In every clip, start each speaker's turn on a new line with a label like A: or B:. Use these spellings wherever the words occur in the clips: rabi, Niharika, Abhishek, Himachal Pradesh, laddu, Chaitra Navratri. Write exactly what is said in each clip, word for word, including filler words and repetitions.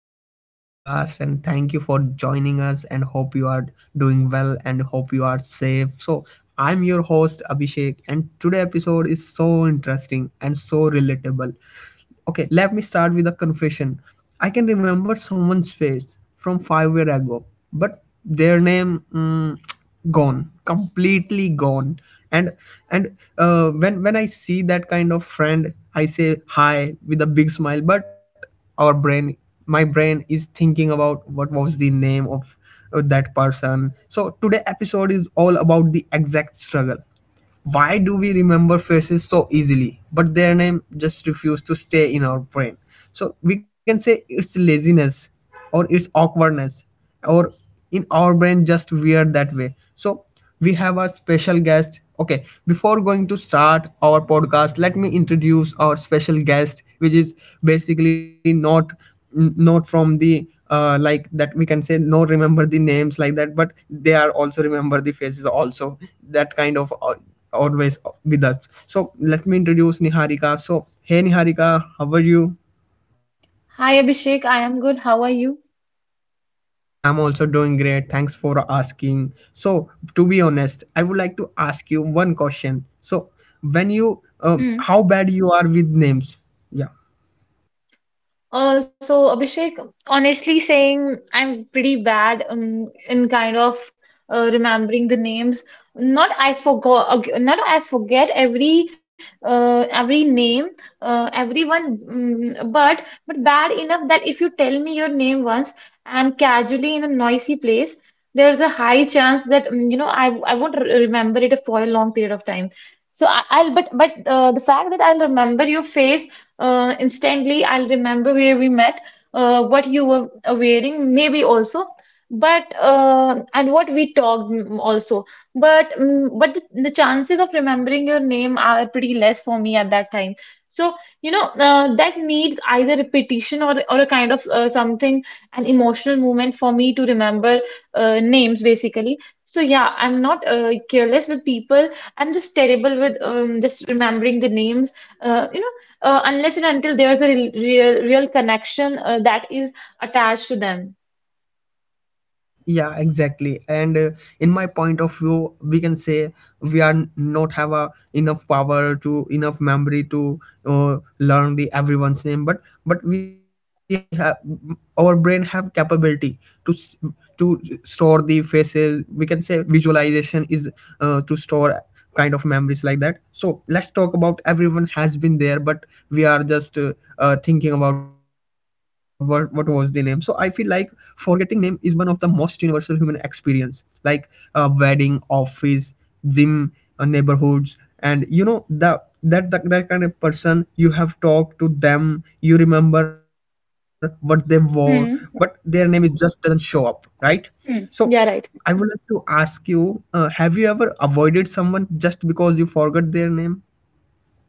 A: back to our podcast, and thank you for joining us. And hope you are doing well, and hope you are safe. So, I'm your host Abhishek, and today episode is so interesting and so relatable. Okay, let me start with a confession. I can remember someone's face from five year ago, but their name mm, gone, completely gone. And and uh, when when I see that kind of friend, I say hi with a big smile. But our brain my brain is thinking about what was the name of uh, that person. So today episode is all about the exact struggle. Why do we remember faces so easily, but their name just refuse to stay in our brain? So we can say it's laziness, or it's awkwardness, or in our brain just weird that way. So we have a special guest. Okay, before going to start our podcast, let me introduce our special guest, which is basically not n- not from the uh, like that, we can say, no remember the names like that, but they are also remember the faces also, that kind of uh, always with us. So let me introduce Niharika. So hey, Niharika, how are you?
B: Hi Abhishek, I am good. How are you?
A: I'm also doing great, thanks for asking. So to be honest, I would like to ask you one question. So when you
B: Hmm.
A: um, how bad you are with names? Yeah,
B: Uh, so Abhishek, honestly saying, I'm pretty bad um, in kind of uh, remembering the names. Not I forgot, not I forget every uh, every name, uh, everyone, mm, but but bad enough that if you tell me your name once and casually in a noisy place, there's a high chance that mm, you know I I won't re- remember it for a long period of time. So I, I'll but but uh, the fact that I'll remember your face uh, instantly, I'll remember where we met, uh, what you were wearing, maybe also, but uh, and what we talked mm, also. But mm, but the, the chances of remembering your name are pretty less for me at that time. So you know uh, that needs either repetition or or a kind of uh, something, an emotional moment for me to remember uh, names basically. So yeah, I'm not uh, careless with people. I'm just terrible with um, just remembering the names. Uh, you know uh, unless and until there's a real real connection uh, that is attached to them.
A: yeah, exactly. And uh, in my point of view, we can say we are n- not have a enough power to enough memory to uh, learn the everyone's name. But but we have our brain have capability to s- to store the faces. We can say visualization is uh, to store kind of memories, like that. So let's talk about, everyone has been there, but we are just uh, uh, thinking about what what was the name. So I feel like forgetting name is one of the most universal human experience, like uh, wedding, office, gym, uh, neighborhoods. And you know, the that, that that kind of person you have talked to them, you remember what they wore, but their
B: Hmm.
A: name is just doesn't show up, right?
B: Hmm.
A: So
B: Yeah, right.
A: I would like to ask you, uh, have you ever avoided someone just because you forgot their name?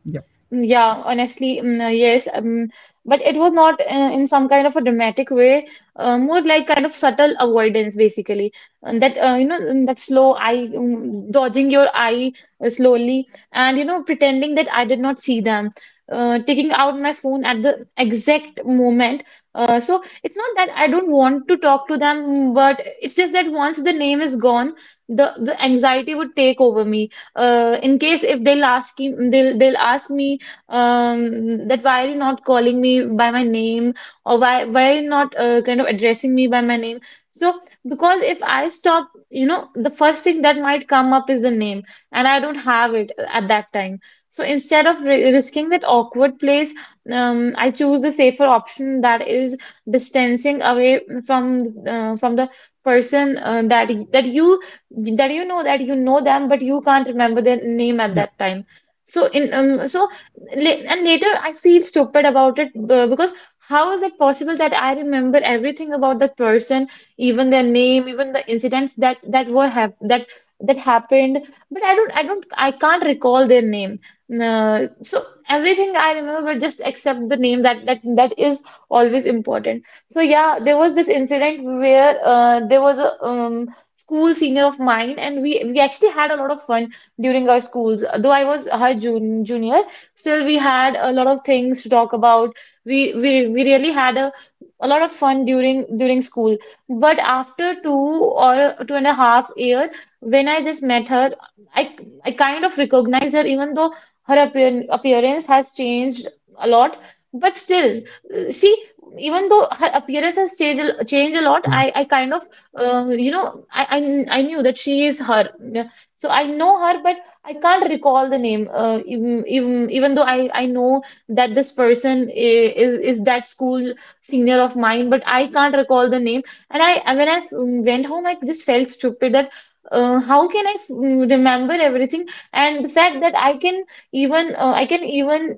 A: Yeah,
B: Yeah, honestly, mm, uh, yes, um, but it was not uh, in some kind of a dramatic way, uh, more like kind of subtle avoidance, basically. And that uh, you know mm, that slow eye, um, dodging your eye uh, slowly, and you know pretending that I did not see them, uh, taking out my phone at the exact moment. Uh, so it's not that I don't want to talk to them, but it's just that once the name is gone, the the anxiety would take over me uh, in case if they'll ask him, they'll they'll ask me um, that why are you not calling me by my name, or why why are you not uh, kind of addressing me by my name? So because if I stop, you know, the first thing that might come up is the name, and I don't have it uh, at that time. So instead of ri risking that awkward place, um, I choose the safer option, that is distancing away from uh, from the person uh, that that you that you know that you know them, but you can't remember their name at
A: yeah,
B: that time. So in um, so la- and later I feel stupid about it uh, because how is it possible that I remember everything about that person, even their name, even the incidents that that were hap that that happened, but I don't I don't I can't recall their name. Uh, so everything I remember, just except the name, that that that is always important. So yeah, there was this incident where uh, there was a um, school senior of mine, and we we actually had a lot of fun during our schools. Though I was her jun junior, still we had a lot of things to talk about. We we we really had a a lot of fun during during school. But after two or two and a half year, when I just met her, I I kind of recognized her, even though her appear, appearance has changed a lot. But still, uh, see, even though her appearance has changed a- changed a lot,
A: yeah,
B: I I kind of uh, you know, I, I I knew that she is her. Yeah. So I know her, but I can't recall the name. Uh, even, even even though I I know that this person i- is is that school senior of mine, but I can't recall the name. And I and when I f- went home, I just felt stupid that uh, how can I f- remember everything? And the fact that I can even uh, I can even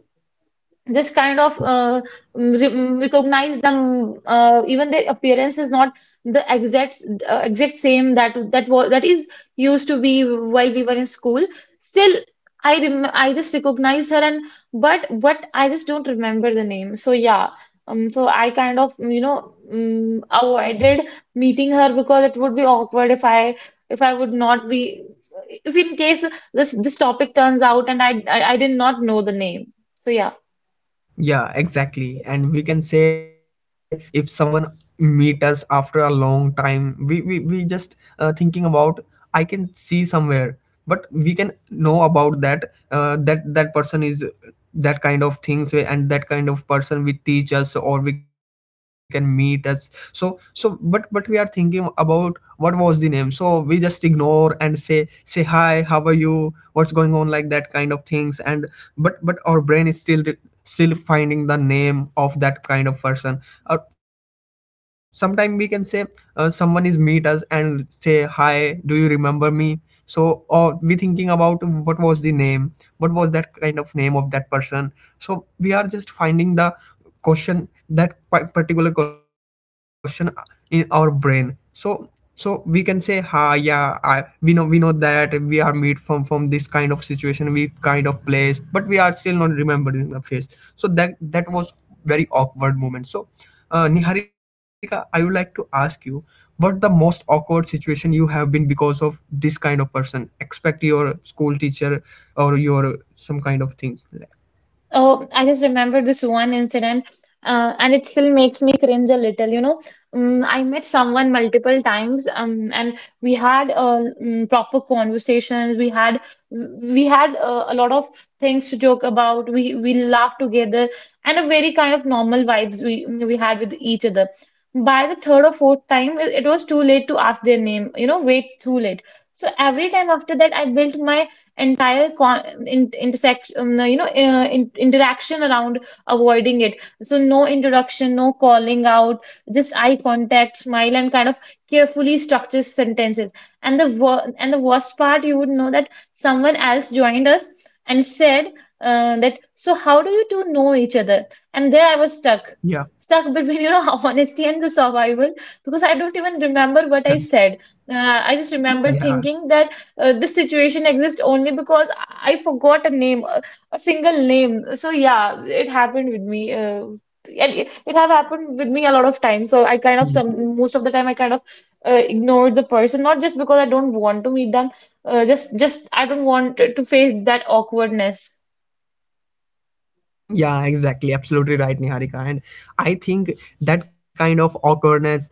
B: just kind of
A: yeah.
B: uh, re recognize them, uh, even their appearance is not the exact uh, exact same that that was that is used to be while we were in school. Still, I rem I just recognize her, and but but I just don't remember the name. So yeah, um so I kind of you know um, avoided meeting her, because it would be awkward if I if I would not be, if in case this this topic turns out and I I, I did not know the name. So yeah.
A: Yeah, exactly. And we can say if someone meet us after a long time, we we, we just uh, thinking about, I can see somewhere, but we can know about that, uh, that that person is that kind of things, and that kind of person we teach us or we can meet us. So so but but we are thinking about what was the name. So we just ignore and say say hi, how are you? What's going on? Like that kind of things. And but but our brain is still still finding the name of that kind of person. Or sometime we can say uh, someone is meet us and say hi, do you remember me? So, or we thinking about what was the name, what was that kind of name of that person. So we are just finding the question, that pa- particular question in our brain. So so we can say, ha, yeah, I, we know we know that we are made from from this kind of situation, we kind of place, but we are still not remembering the face. So that that was very awkward moment. So uh, Niharika, I would like to ask you, what the most awkward situation you have been because of this kind of person, expect your school teacher or your some kind of thing?
B: Oh, I just remember this one incident, uh, and it still makes me cringe a little. You know, um, I met someone multiple times, um, and we had uh, mm, proper conversations. We had we had uh, a lot of things to joke about. We we laughed together, and a very kind of normal vibes we we had with each other. By the third or fourth time, it it was too late to ask their name. You know, way too late. So every time after that, I built my entire con- in- intersect um, no, you know uh, in- interaction around avoiding it. So no introduction, no calling out, just eye contact, smile, and kind of carefully structure sentences. And the wor- and the worst part, you would know that someone else joined us and said uh, that, so how do you two know each other. And there i was stuck
A: Yeah.
B: stuck between you know honesty and the survival, because i don't even remember what i said. Uh, i just remember
A: Yeah,
B: thinking that uh, this situation exists only because I forgot a name, a, a single name. So yeah, it happened with me. Uh, and it, it have happened with me a lot of times. So I kind of
A: yeah.
B: some most of the time I kind of uh, ignored the person, not just because I don't want to meet them, uh, just just I don't want to face that awkwardness.
A: Yeah, exactly. Absolutely right, Niharika. And I think that kind of awkwardness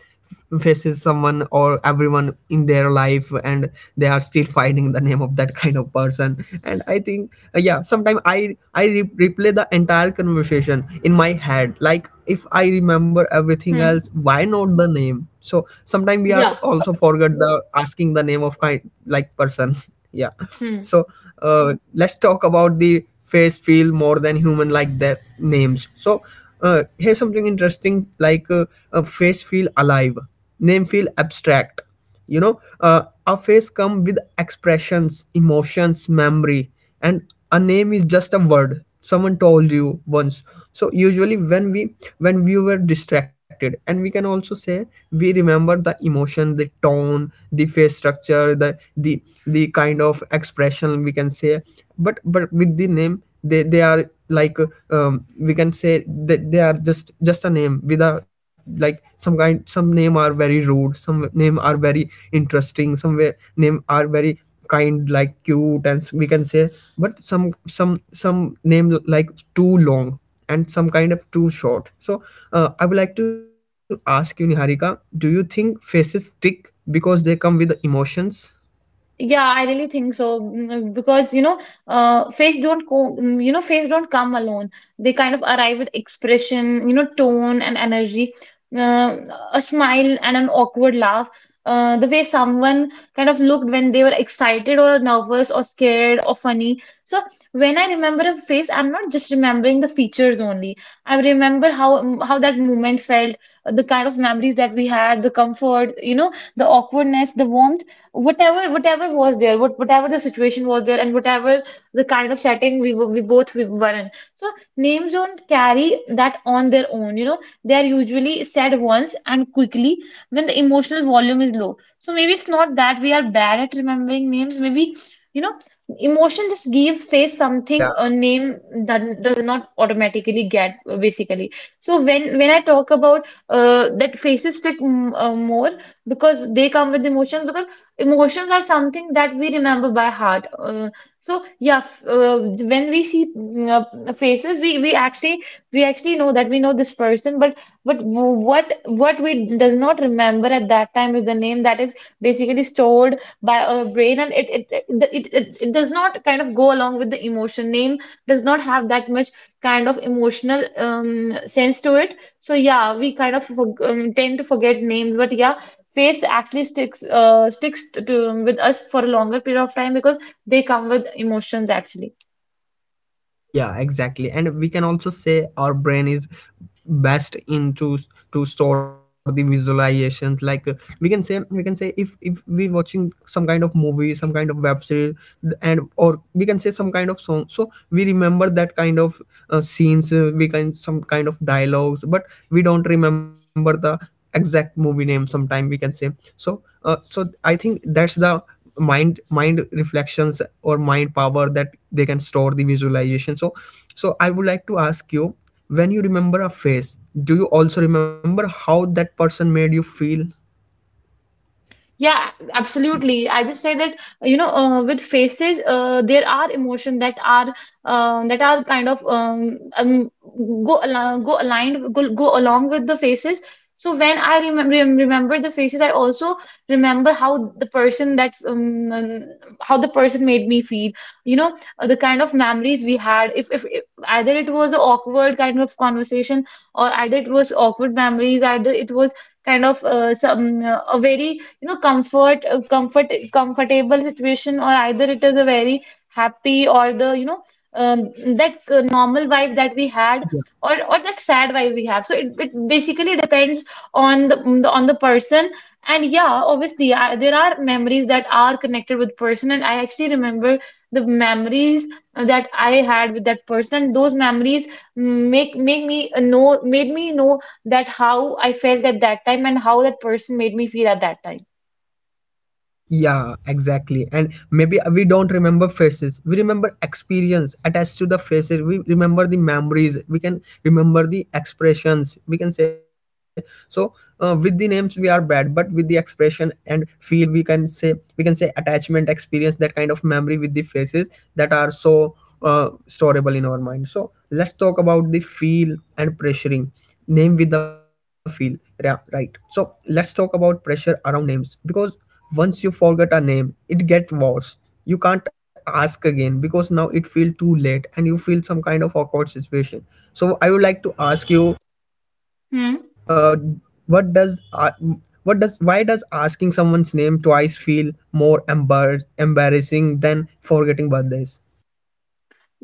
A: f- faces someone or everyone in their life, and they are still finding the name of that kind of person. And I think, uh, yeah, sometimes I I re- replay the entire conversation in my head. Like if I remember everything
B: Hmm.
A: else, why not the name? So sometimes we are f-
B: Yeah.
A: also forget the asking the name of kind like person. Yeah.
B: Hmm.
A: So uh, let's talk about the face feel more than human like their names. So uh, here's something interesting, like uh, a face feel alive, name feel abstract. You know uh, a face come with expressions, emotions, memory, and a name is just a word someone told you once. So usually when we when we were distracted, and we can also say we remember the emotion, the tone, the face structure, the the the kind of expression, we can say. But but with the name, they they are like, um, we can say that they are just just a name with a, like, some kind. Some name are very rude, some name are very interesting, some way, name are very kind like cute, and s- we can say. But some some some name like too long, and some kind of too short. So uh, I would like to ask you, Niharika, do you think faces stick because they come with emotions?
B: Yeah, I really think so, mm, uh, because you know, uh, face don't co mm, you know, face don't come alone. They kind of arrive with expression, you know, tone and energy, uh, a smile and an awkward laugh. Uh, the way someone kind of looked when they were excited or nervous or scared or funny. So when I remember a face, I'm not just remembering the features only. I remember how mm, how that moment felt, uh, the kind of memories that we had, the comfort, you know, the awkwardness, the warmth, whatever whatever was there what, whatever the situation was there, and whatever the kind of setting we were we both we were in. So names don't carry that on their own. You know they are usually said once and quickly, when the emotional volume is low. So maybe it's not that we are bad at remembering names. Maybe you know emotion just gives face something,
A: Yeah.
B: a name that does not automatically get, basically. So when when i talk about uh, that faces stick, mm, uh, more because they come with emotions. Because emotions are something that we remember by heart. Uh, so yeah, f- uh, when we see mm, uh, faces, we we actually we actually know that we know this person, but but w- what what we does not remember at that time is the name that is basically stored by our brain, and it it it it, it, it does not kind of go along with the emotion. Name does not have that much kind of emotional um, sense to it. So yeah, we kind of forg- um, tend to forget names, but yeah, face actually sticks uh, sticks to, with us for a longer period of time, because they come with emotions actually.
A: Yeah, exactly. And we can also say our brain is best into s- to store the visualizations, like uh, we can say we can say if if we watching some kind of movie, some kind of web series, th- and or we can say some kind of song. So we remember that kind of uh, scenes, uh, we can some kind of dialogues, but we don't remember the exact movie name sometime, we can say. So uh, so I think that's the mind mind reflections or mind power that they can store the visualization. So so I would like to ask you, when you remember a face, do you also remember how that person made you feel?
B: Yeah, absolutely. I just say that, you know, uh, with faces, uh, there are emotion that are um that are kind of um, um go al go aligned go, go along with the faces. So when I remember remember the faces, I also remember how the person that um, um, how the person made me feel. You know, uh, the kind of memories we had. If, if if either it was an awkward kind of conversation, or either it was awkward memories, either it was kind of uh, some uh, a very you know comfort uh, comfort comfortable situation, or either it is a very happy, or the you know um, that uh, normal vibe that we had, or or that sad vibe we have. So it, it basically depends on the on the person. And yeah, obviously I, there are memories that are connected with person, and I actually remember the memories that I had with that person. Those memories make make me know made me know that how I felt at that time, and how that person made me feel at that time.
A: Yeah, exactly. And maybe we don't remember faces. We remember experience attached to the faces. We remember the memories. We can remember the expressions. We can say. So uh, with the names we are bad, but with the expression and feel, we can say we can say attachment, experience, that kind of memory with the faces that are so uh, storable in our mind. So let's talk about the feel and pressuring name with the feel. Yeah, right. So let's talk about pressure around names, because once you forget a name, it get worse. You can't ask again because now it feel too late, and you feel some kind of awkward situation. So I would like to ask you,
B: Hmm.
A: uh, what does uh, what does why does asking someone's name twice feel more embar- embarrassing than forgetting birthdays?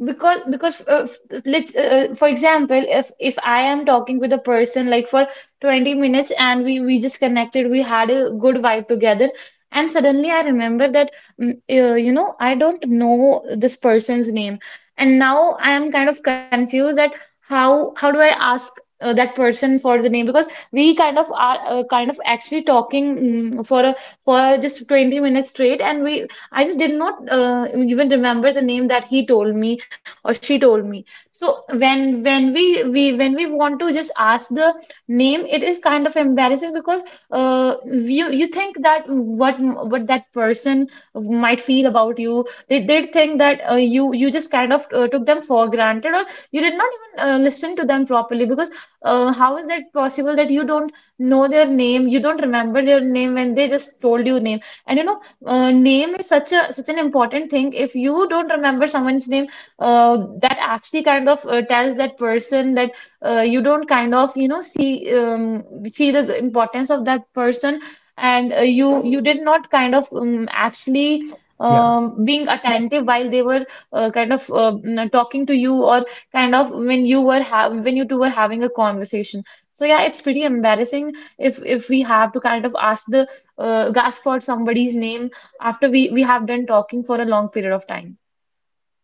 B: because because uh, f- let's uh, uh, For example, if if I am talking with a person like for 20 minutes and we we just connected, we had a good vibe together, and suddenly I remember that mm, uh, you know I don't know this person's name, and now I am kind of confused that how how do I ask uh, that person for the name, because we kind of are uh, kind of actually talking mm, for a, for just 20 minutes straight, and we I just did not uh, even remember the name that he told me or she told me. So when when we we when we want to just ask the name, it is kind of embarrassing because uh, you you think that what what that person might feel about you. They they think that uh, you you just kind of uh, took them for granted, or you did not even uh, listen to them properly, because uh, how is that possible that you don't know their name, you don't remember their name when they just told you name. And you know, uh, Name is such a such an important thing. If you don't remember someone's name, uh, that actually kind of uh, tells that person that uh, you don't kind of you know see um, see the importance of that person, and uh, you you did not kind of um, actually
A: Yeah.
B: um, being attentive while they were uh, kind of uh, n- talking to you, or kind of when you were ha when you two were having a conversation. So yeah, it's pretty embarrassing if if we have to kind of ask the uh, gasp for somebody's name after we we have done talking for a long period of time.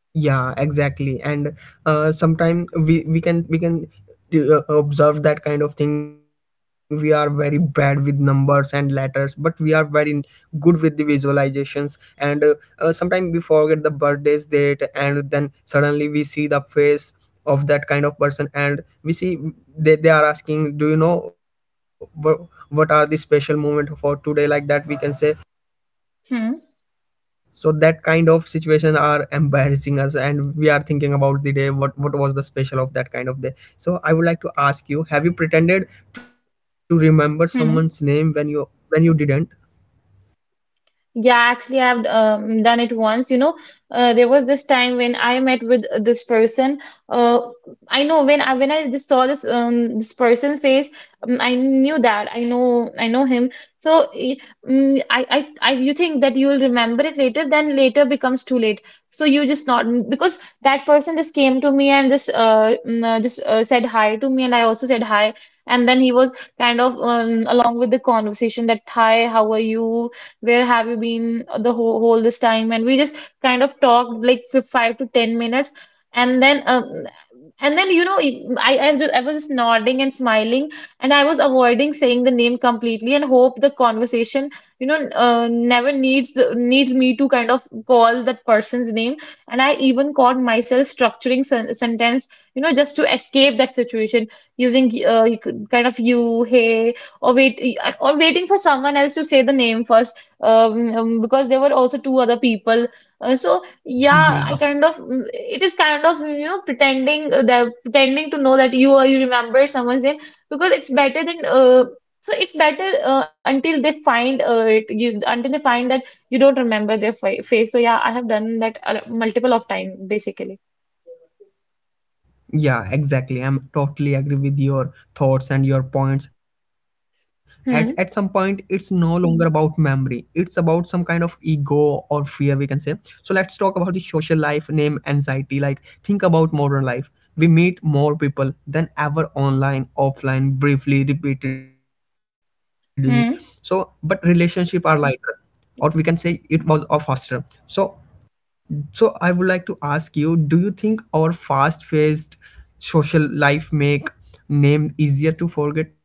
A: Yeah, exactly. And uh, sometimes we we can we can uh, observe that kind of thing. We are very bad with numbers and letters, but we are very good with the visualizations. And uh, uh, sometimes we forget the birthday's date, and then suddenly we see the face of that kind of person, and we see they, they are asking, do you know wh- what are the special moment for today, like that, we can say.
B: 嗯
A: So that kind of situation are embarrassing us, and we are thinking about the day, what what was the special of that kind of day. So I would like to ask you, have you pretended to remember
B: 嗯。
A: someone's name when you when you didn't?
B: Yeah, actually, I've um, done it once. You know, uh, there was this time when I met with this person. Uh, I know when I when I just saw this um this person's face, um, I knew that I know I know him. So y- mm, I, I I You think that you'll remember it later, then later becomes too late. So you just not, because that person just came to me and just uh mm, uh, just uh, said hi to me, and I also said hi, and then he was kind of um, along with the conversation that hi, how are you? Where have you been the whole, whole this time? And we just kind of talked like for five to ten minutes, and then um, and then you know I I, was- I was just nodding and smiling, and I was avoiding saying the name completely and hope the conversation you know uh, never needs needs me to kind of call that person's name. And I even caught myself structuring sen sentence, you know, just to escape that situation using uh, you could- kind of, you, hey, or wait, or waiting for someone else to say the name first, um, um, because there were also two other people. Uh, so yeah, I kind of mm, it is kind of, you know, pretending uh, that pretending to know that you are you remember someone's name, because it's better than uh, so it's better uh, until they find uh, it you until they find that you don't remember their fa face. So yeah, I have done that a lo- multiple of time basically.
A: Yeah, exactly. I'm totally agree with your thoughts and your points. At at some point, it's
B: Hmm.
A: no longer about memory. It's about some kind of ego or fear, we can say. So let's talk about the social life name anxiety. Like think about modern life. We meet more people than ever, online, offline, briefly, repeatedly. So, but
B: Hmm.
A: relationship are lighter, or we can say it was, or faster. So so I would like to ask you, do you think our fast-paced social life make name easier to forget?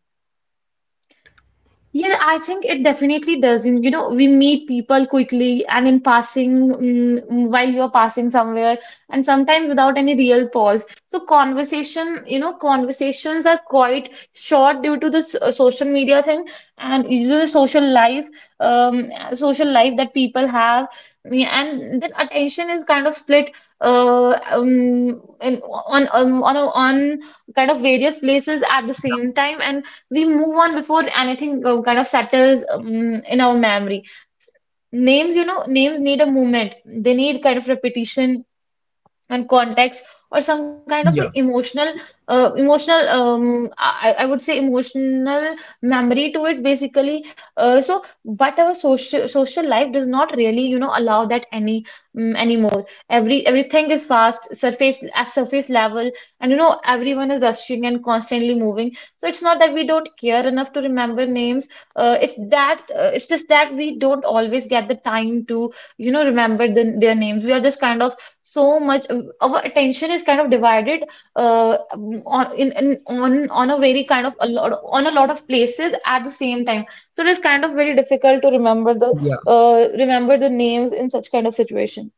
B: Yeah, I think it definitely does. And you know, we meet people quickly and in passing, mm, while you're passing somewhere, and sometimes without any real pause. So conversation, you know, conversations are quite short due to this uh, social media thing, and you know, the social life, um, social life that people have. Yeah, and then attention is kind of split, uh, um, in on um, on on kind of various places at the same time, and we move on before anything uh, kind of settles um, in our memory. Names, you know, names need a movement. They need kind of repetition and context, or some kind of a
A: Yeah,
B: emotional uh, emotional um, I, I would say emotional memory to it basically. Uh, so but our social social life does not really, you know, allow that any um, anymore. Every everything is fast, surface at surface level, and you know, everyone is rushing and constantly moving. So it's not that we don't care enough to remember names, uh, it's that uh, it's just that we don't always get the time to, you know, remember the, their names. We are just kind of so much, um, our attention is kind of divided uh, on in, in on on a very kind of a lot on a lot of places at the same time.
A: yeah,
B: So it is kind of very difficult to remember the uh, remember the names in such kind of situation.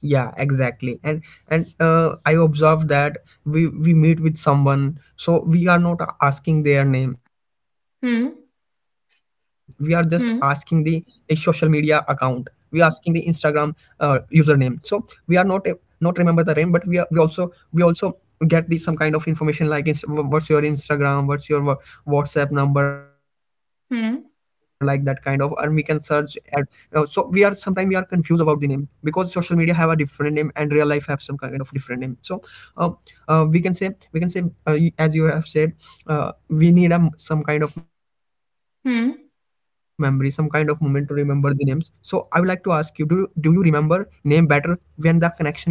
A: yeah, exactly. And and uh, I observed that we we meet with someone, so we are not asking their name. We are just
B: Hmm.
A: asking the a social media account.
B: Hmm.
A: We are asking the Instagram uh, username. So we are not a, not remember the name, but we are, we also we also get the some kind of information, like inst- what's your instagram what's your wha- whatsapp number, like that kind of, and we can
B: Hmm.
A: search at. Uh, so we are sometimes we are confused about the name, because social media have a different name and real life have some kind of different name. So uh, uh, we can say we can say, uh, y- as you have said, uh, we need a, m- some kind of memory, some kind of moment to
B: Hmm.
A: remember the names. So I would like to ask you, do you- do you remember name better when the connection is deeper?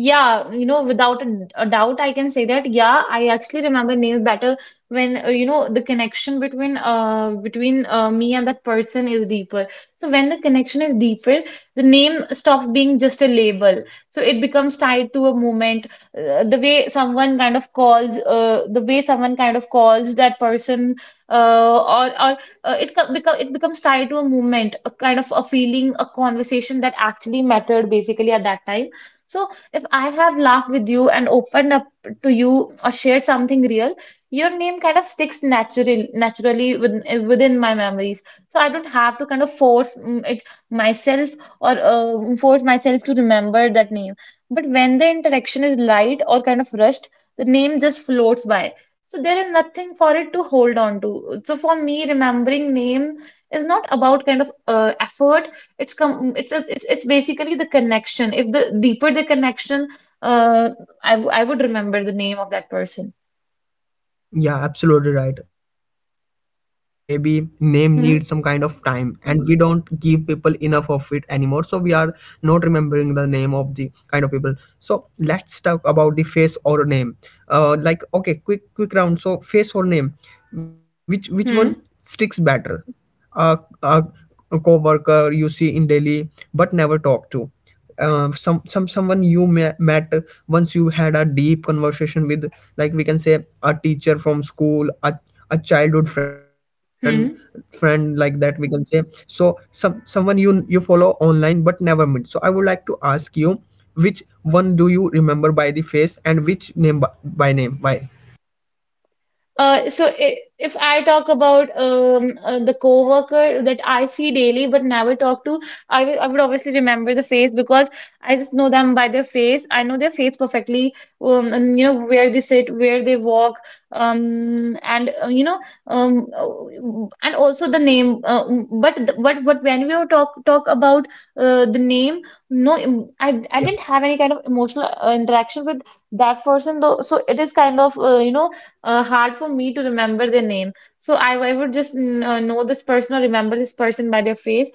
B: Yeah, you know, without a, a doubt, I can say that. Yeah, I actually remember names better when uh, you know the connection between uh between uh, me and that person is deeper. So when the connection is deeper, the name stops being just a label. So it becomes tied to a moment. Uh, the way someone kind of calls, uh, the way someone kind of calls that person, uh, or or uh, it becomes it becomes tied to a moment, a kind of a feeling, a conversation that actually mattered basically at that time. So if I have laughed with you and opened up to you, or shared something real, your name kind of sticks natural, naturally within, within my memories. So I don't have to kind of force mm, it myself, or uh, force myself to remember that name. But when the interaction is light or kind of rushed, the name just floats by. So there is nothing for it to hold on to. So for me, remembering name is not about kind of uh, effort. It's com it's a it's, It's basically the connection. If the deeper the connection, uh I, w- I would remember the name of that person.
A: Yeah, absolutely right. I think maybe name needs some kind of
B: Hmm.
A: time, and we don't give people enough of it anymore. So we are not remembering the name of the kind of people. So let's talk about the face or name. Uh, like okay, quick quick round. So face or name, which which one
B: Hmm.
A: sticks better? A a co-worker you see in daily but never talk to, um, some some someone you ma- met once you had a deep conversation with, like we can say a teacher from school, a, a childhood friend friend
B: Hmm.
A: like that we can say. So some someone you you follow online but never meet. So I would like to ask you which one do you remember by the face and which name by by name, why?
B: Uh, so i- if I talk about um, uh, the coworker that I see daily but never talk to, I will, I would obviously remember the face, because I just know them by their face. I know their face perfectly, um, and you know where they sit, where they walk, um, and uh, you know, um, uh, and also the name. Uh, but the, but but when we were talk talk about uh, the name, no, em- I I didn't
A: yeah
B: have any kind of emotional uh, interaction with that person though. So it is kind of, uh, you know, uh, hard for me to remember their name. So I, I would just mm, uh, know this person or remember this person by their face.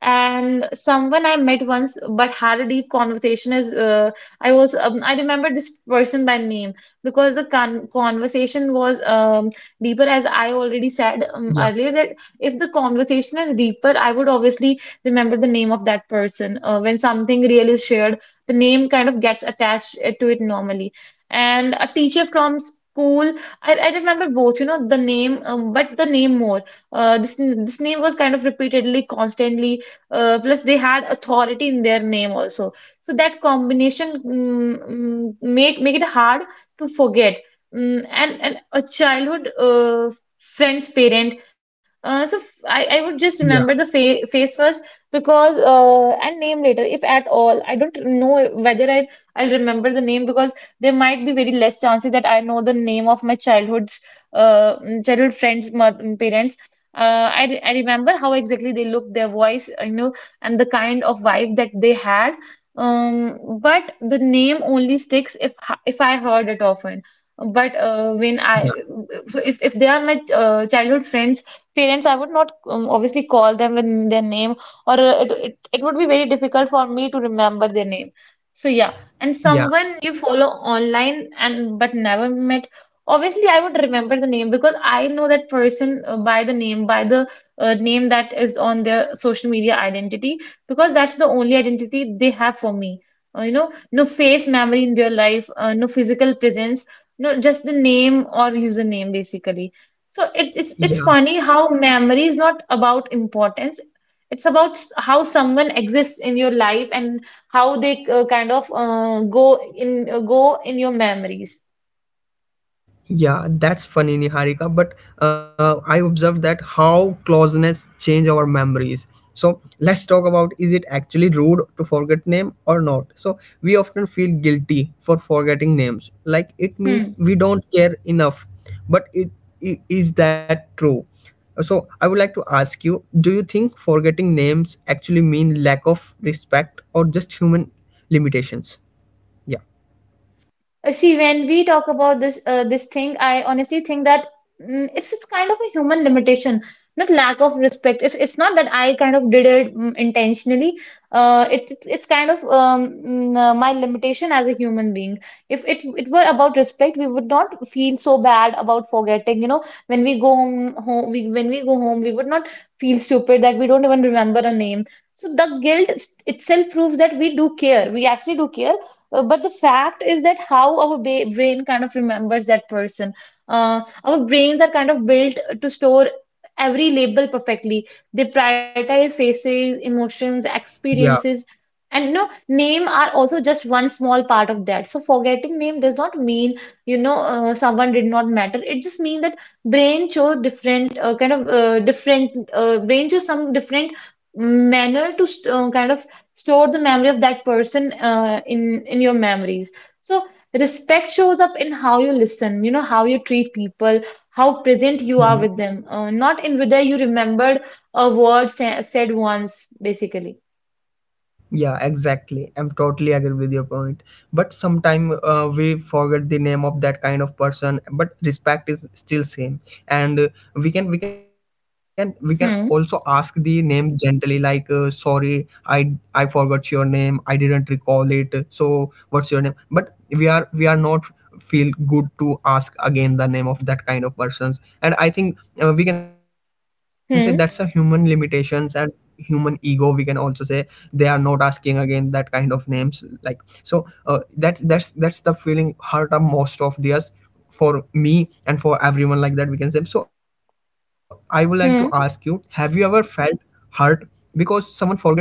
B: And someone I met once but had a deep conversation is uh, I was um, I remember this person by name, because the con conversation was um, deeper, as I already said um, earlier,
A: yeah
B: that if the conversation is deeper I would obviously remember the name of that person. Uh, when something real is shared, the name kind of gets attached uh, to it normally. And a teacher from school, I, I remember both, you know, the name, um, but the name more. Uh, this n- this name was kind of repeatedly, constantly. Uh, plus, they had authority in their name also. So that combination mm, mm, make make it hard to forget. Mm, and and a childhood uh, friend's parent. Uh, so f- I I would just remember the fa
A: yeah
B: face first, because uh, and name later, if at all. I don't know whether I I'll remember the name, because there might be very less chances that I know the name of my childhood's uh, childhood friends' mo- parents. Uh, I, re- I remember how exactly they looked, their voice, you know, and the kind of vibe that they had. Um, but the name only sticks if if I heard it often. But uh, when I
A: yeah
B: So if, if they are my uh, childhood friends, parents, I would not um, obviously call them with their name, or uh, it, it it would be very difficult for me to remember their name. So yeah, and someone you
A: yeah
B: follow online and but never met, obviously I would remember the name, because I know that person uh, by the name by the uh, name that is on their social media identity, because that's the only identity they have for me. Uh, you know, no face memory in real life, uh, no physical presence, no, just the name or username basically. so it, it's it's funny
A: yeah
B: how memory is not about importance. it's about s- how someone exists in your life, and how they uh, kind of uh, go in uh, go in your memories.
A: Yeah, that's funny, Niharika. But uh, I observed that how closeness change our memories. So let's talk about, is it actually rude to forget name or not? So we often feel guilty for forgetting names, like it means
B: Hmm.
A: we don't care enough. But it, i- is that true? So I would like to ask you: do you think forgetting names actually mean lack of respect or just human limitations? Yeah,
B: Uh, See, when we talk about this uh, this thing, I honestly think that mm, it's it's kind of a human limitation, not lack of respect. It's it's not that I kind of did it mm, intentionally. Uh, it it's it's kind of um, mm, uh, my limitation as a human being. If it it were about respect, we would not feel so bad about forgetting. You know, when we go home, home we when we go home, we would not feel stupid that we don't even remember a name. So the guilt s- itself proves that we do care. We actually do care, uh, but the fact is that how our ba brain kind of remembers that person. Uh, our brains are kind of built to store every label perfectly. They prioritize faces, emotions,
A: yeah,
B: experiences, and you know, name are also just one small part of that. So forgetting name does not mean, you know, uh, someone did not matter. It just means that brain chose different uh, kind of uh, different uh, brain chose some different manner to st- uh, kind of store the memory of that person, uh, in in your memories. So respect shows up in how you listen, you know, how you treat people, how present you are with them, uh, not in whether you remembered a word sa- said once, basically.
A: Yeah, exactly. I'm totally agree with your point. But sometime uh, we forget the name of that kind of person. But respect is still same, and uh, we can we can we can also ask the
B: Hmm.
A: name gently, like uh, sorry, I I forgot your name. I didn't recall it. So what's your name? But we are we are not feel good to ask again the name of that kind of persons. And I think uh, we can say that's a human
B: Hmm.
A: limitations and human ego we can also say, they are not asking again that kind of names. Like, so uh, that that's that's the feeling hurt of most of theirs, for me and for everyone like that we can say. So I would like to ask you, have
B: Hmm.
A: you ever felt hurt because someone forgets your name?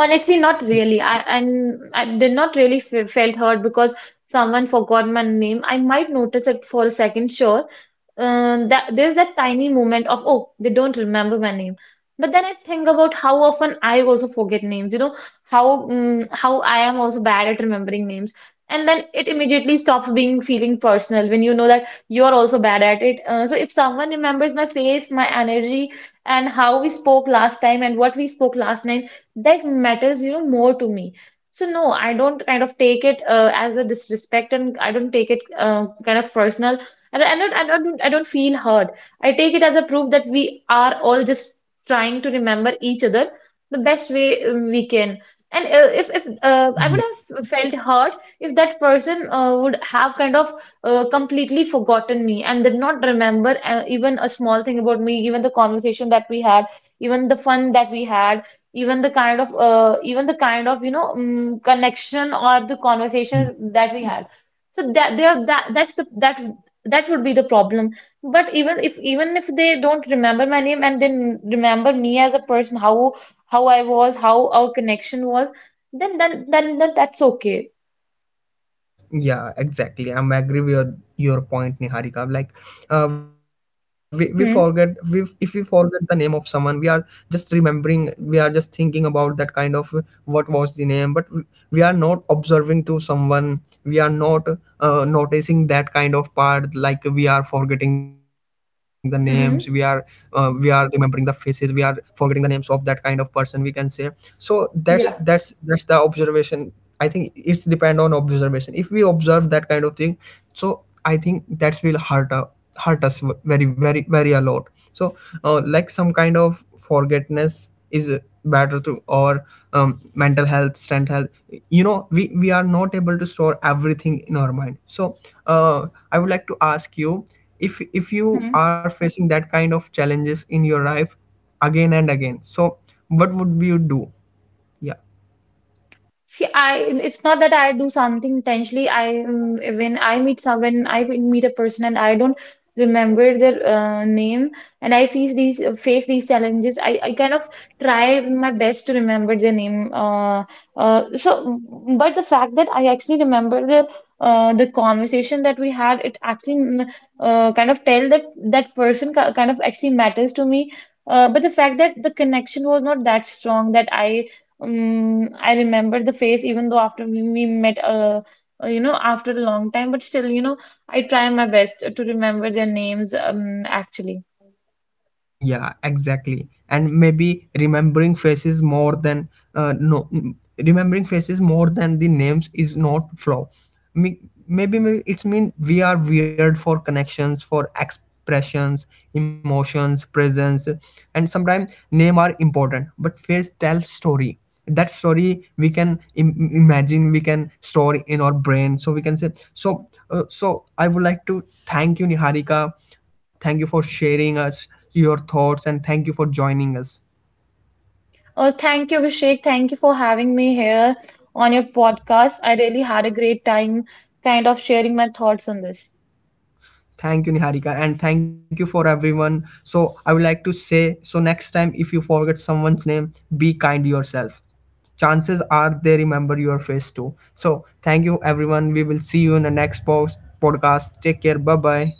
B: Honestly, not really. I and i did not really f- felt hurt because someone forgot my name. I might notice it for a second, sure. Um, that there's that tiny moment of, oh, they don't remember my name. But then I think about how often I also forget names, you know, how mm how I am also bad at remembering names. And then it immediately stops being feeling personal when you know that you are also bad at it. Uh, so if someone remembers my face, my energy, and how we spoke last time and what we spoke last night, that matters, you know, more to me. So no, I don't kind of take it, uh, as a disrespect, and I don't take it uh, kind of personal. And I don't, I don't, I don't feel hurt. I take it as a proof that we are all just trying to remember each other the best way, um, we can. And uh, if, if uh, I would
A: Yeah.
B: have felt hurt if that person uh, would have kind of uh, completely forgotten me and did not remember, uh, even a small thing about me, even the conversation that we had, even the fun that we had, even the kind of uh, even the kind of, you know, um, connection or the conversations that we had. So that there that that's the that that would be the problem. But even if even if they don't remember my name and then remember me as a person, how how I was, how our connection was, then then then, then that's okay.
A: Yeah, exactly. I'm agree with your, your point, Niharika. Like, uh, we, we forget we if
B: Hmm.
A: we forget the name of someone, we are just remembering. We are just thinking about that kind of uh, what was the name, but we we are not observing to someone. We are not uh, noticing that kind of part. Like, we are forgetting the names. We are uh, we
B: Hmm.
A: are remembering the faces. We are forgetting the names of that kind of person we can say. So that's
B: Yeah.
A: that's that's the observation. I think it's depend on observation. If we observe that kind of thing, so I think that's will hurt, uh, hurt us very, very, very a lot. So uh, like some kind of forgetness is better to, or um, mental health, strength health, you know, we we are not able to store everything in our mind. So uh, I would like to ask you, if if you are facing that kind of challenges in your life again and again, so what would you do? Yeah.
B: See, I it's not that I do something intentionally. I um, When I meet some when I meet a person and I don't remember their uh, name, and I face these uh, face these challenges, I, I kind of try my best to remember their name. Uh, uh, so, but the fact that I actually remember the, uh, the conversation that we had, it actually, mm, uh, kind of tell that that person ki- kind of actually matters to me. Uh, but the fact that the connection was not that strong that I um, I remember the face, even though after we we met, uh, uh, you know, after a long time, but still, you know, I try my best to remember their names, um, actually.
A: Yeah, exactly. And maybe remembering faces more than uh, no mm, remembering faces more than the names is not flaw. Me- maybe may- it's mean we are weird for connections, for expressions, emotions, presence. And sometimes name are important, but face tell story. That story we can Im- imagine, we can store in our brain, so we can say. So uh, so I would like to thank you, Niharika. Thank you for sharing us your thoughts, and thank you for joining us.
B: Oh, thank you, Abhishek. Thank you for having me here on your podcast. I really had a great time kind of sharing my thoughts on this.
A: Thank you, Niharika, and thank you for everyone. So I would like to say, so next time if you forget someone's name, be kind yourself. Chances are they remember your face too. So thank you everyone, we will see you in the next post podcast. Take care, bye bye.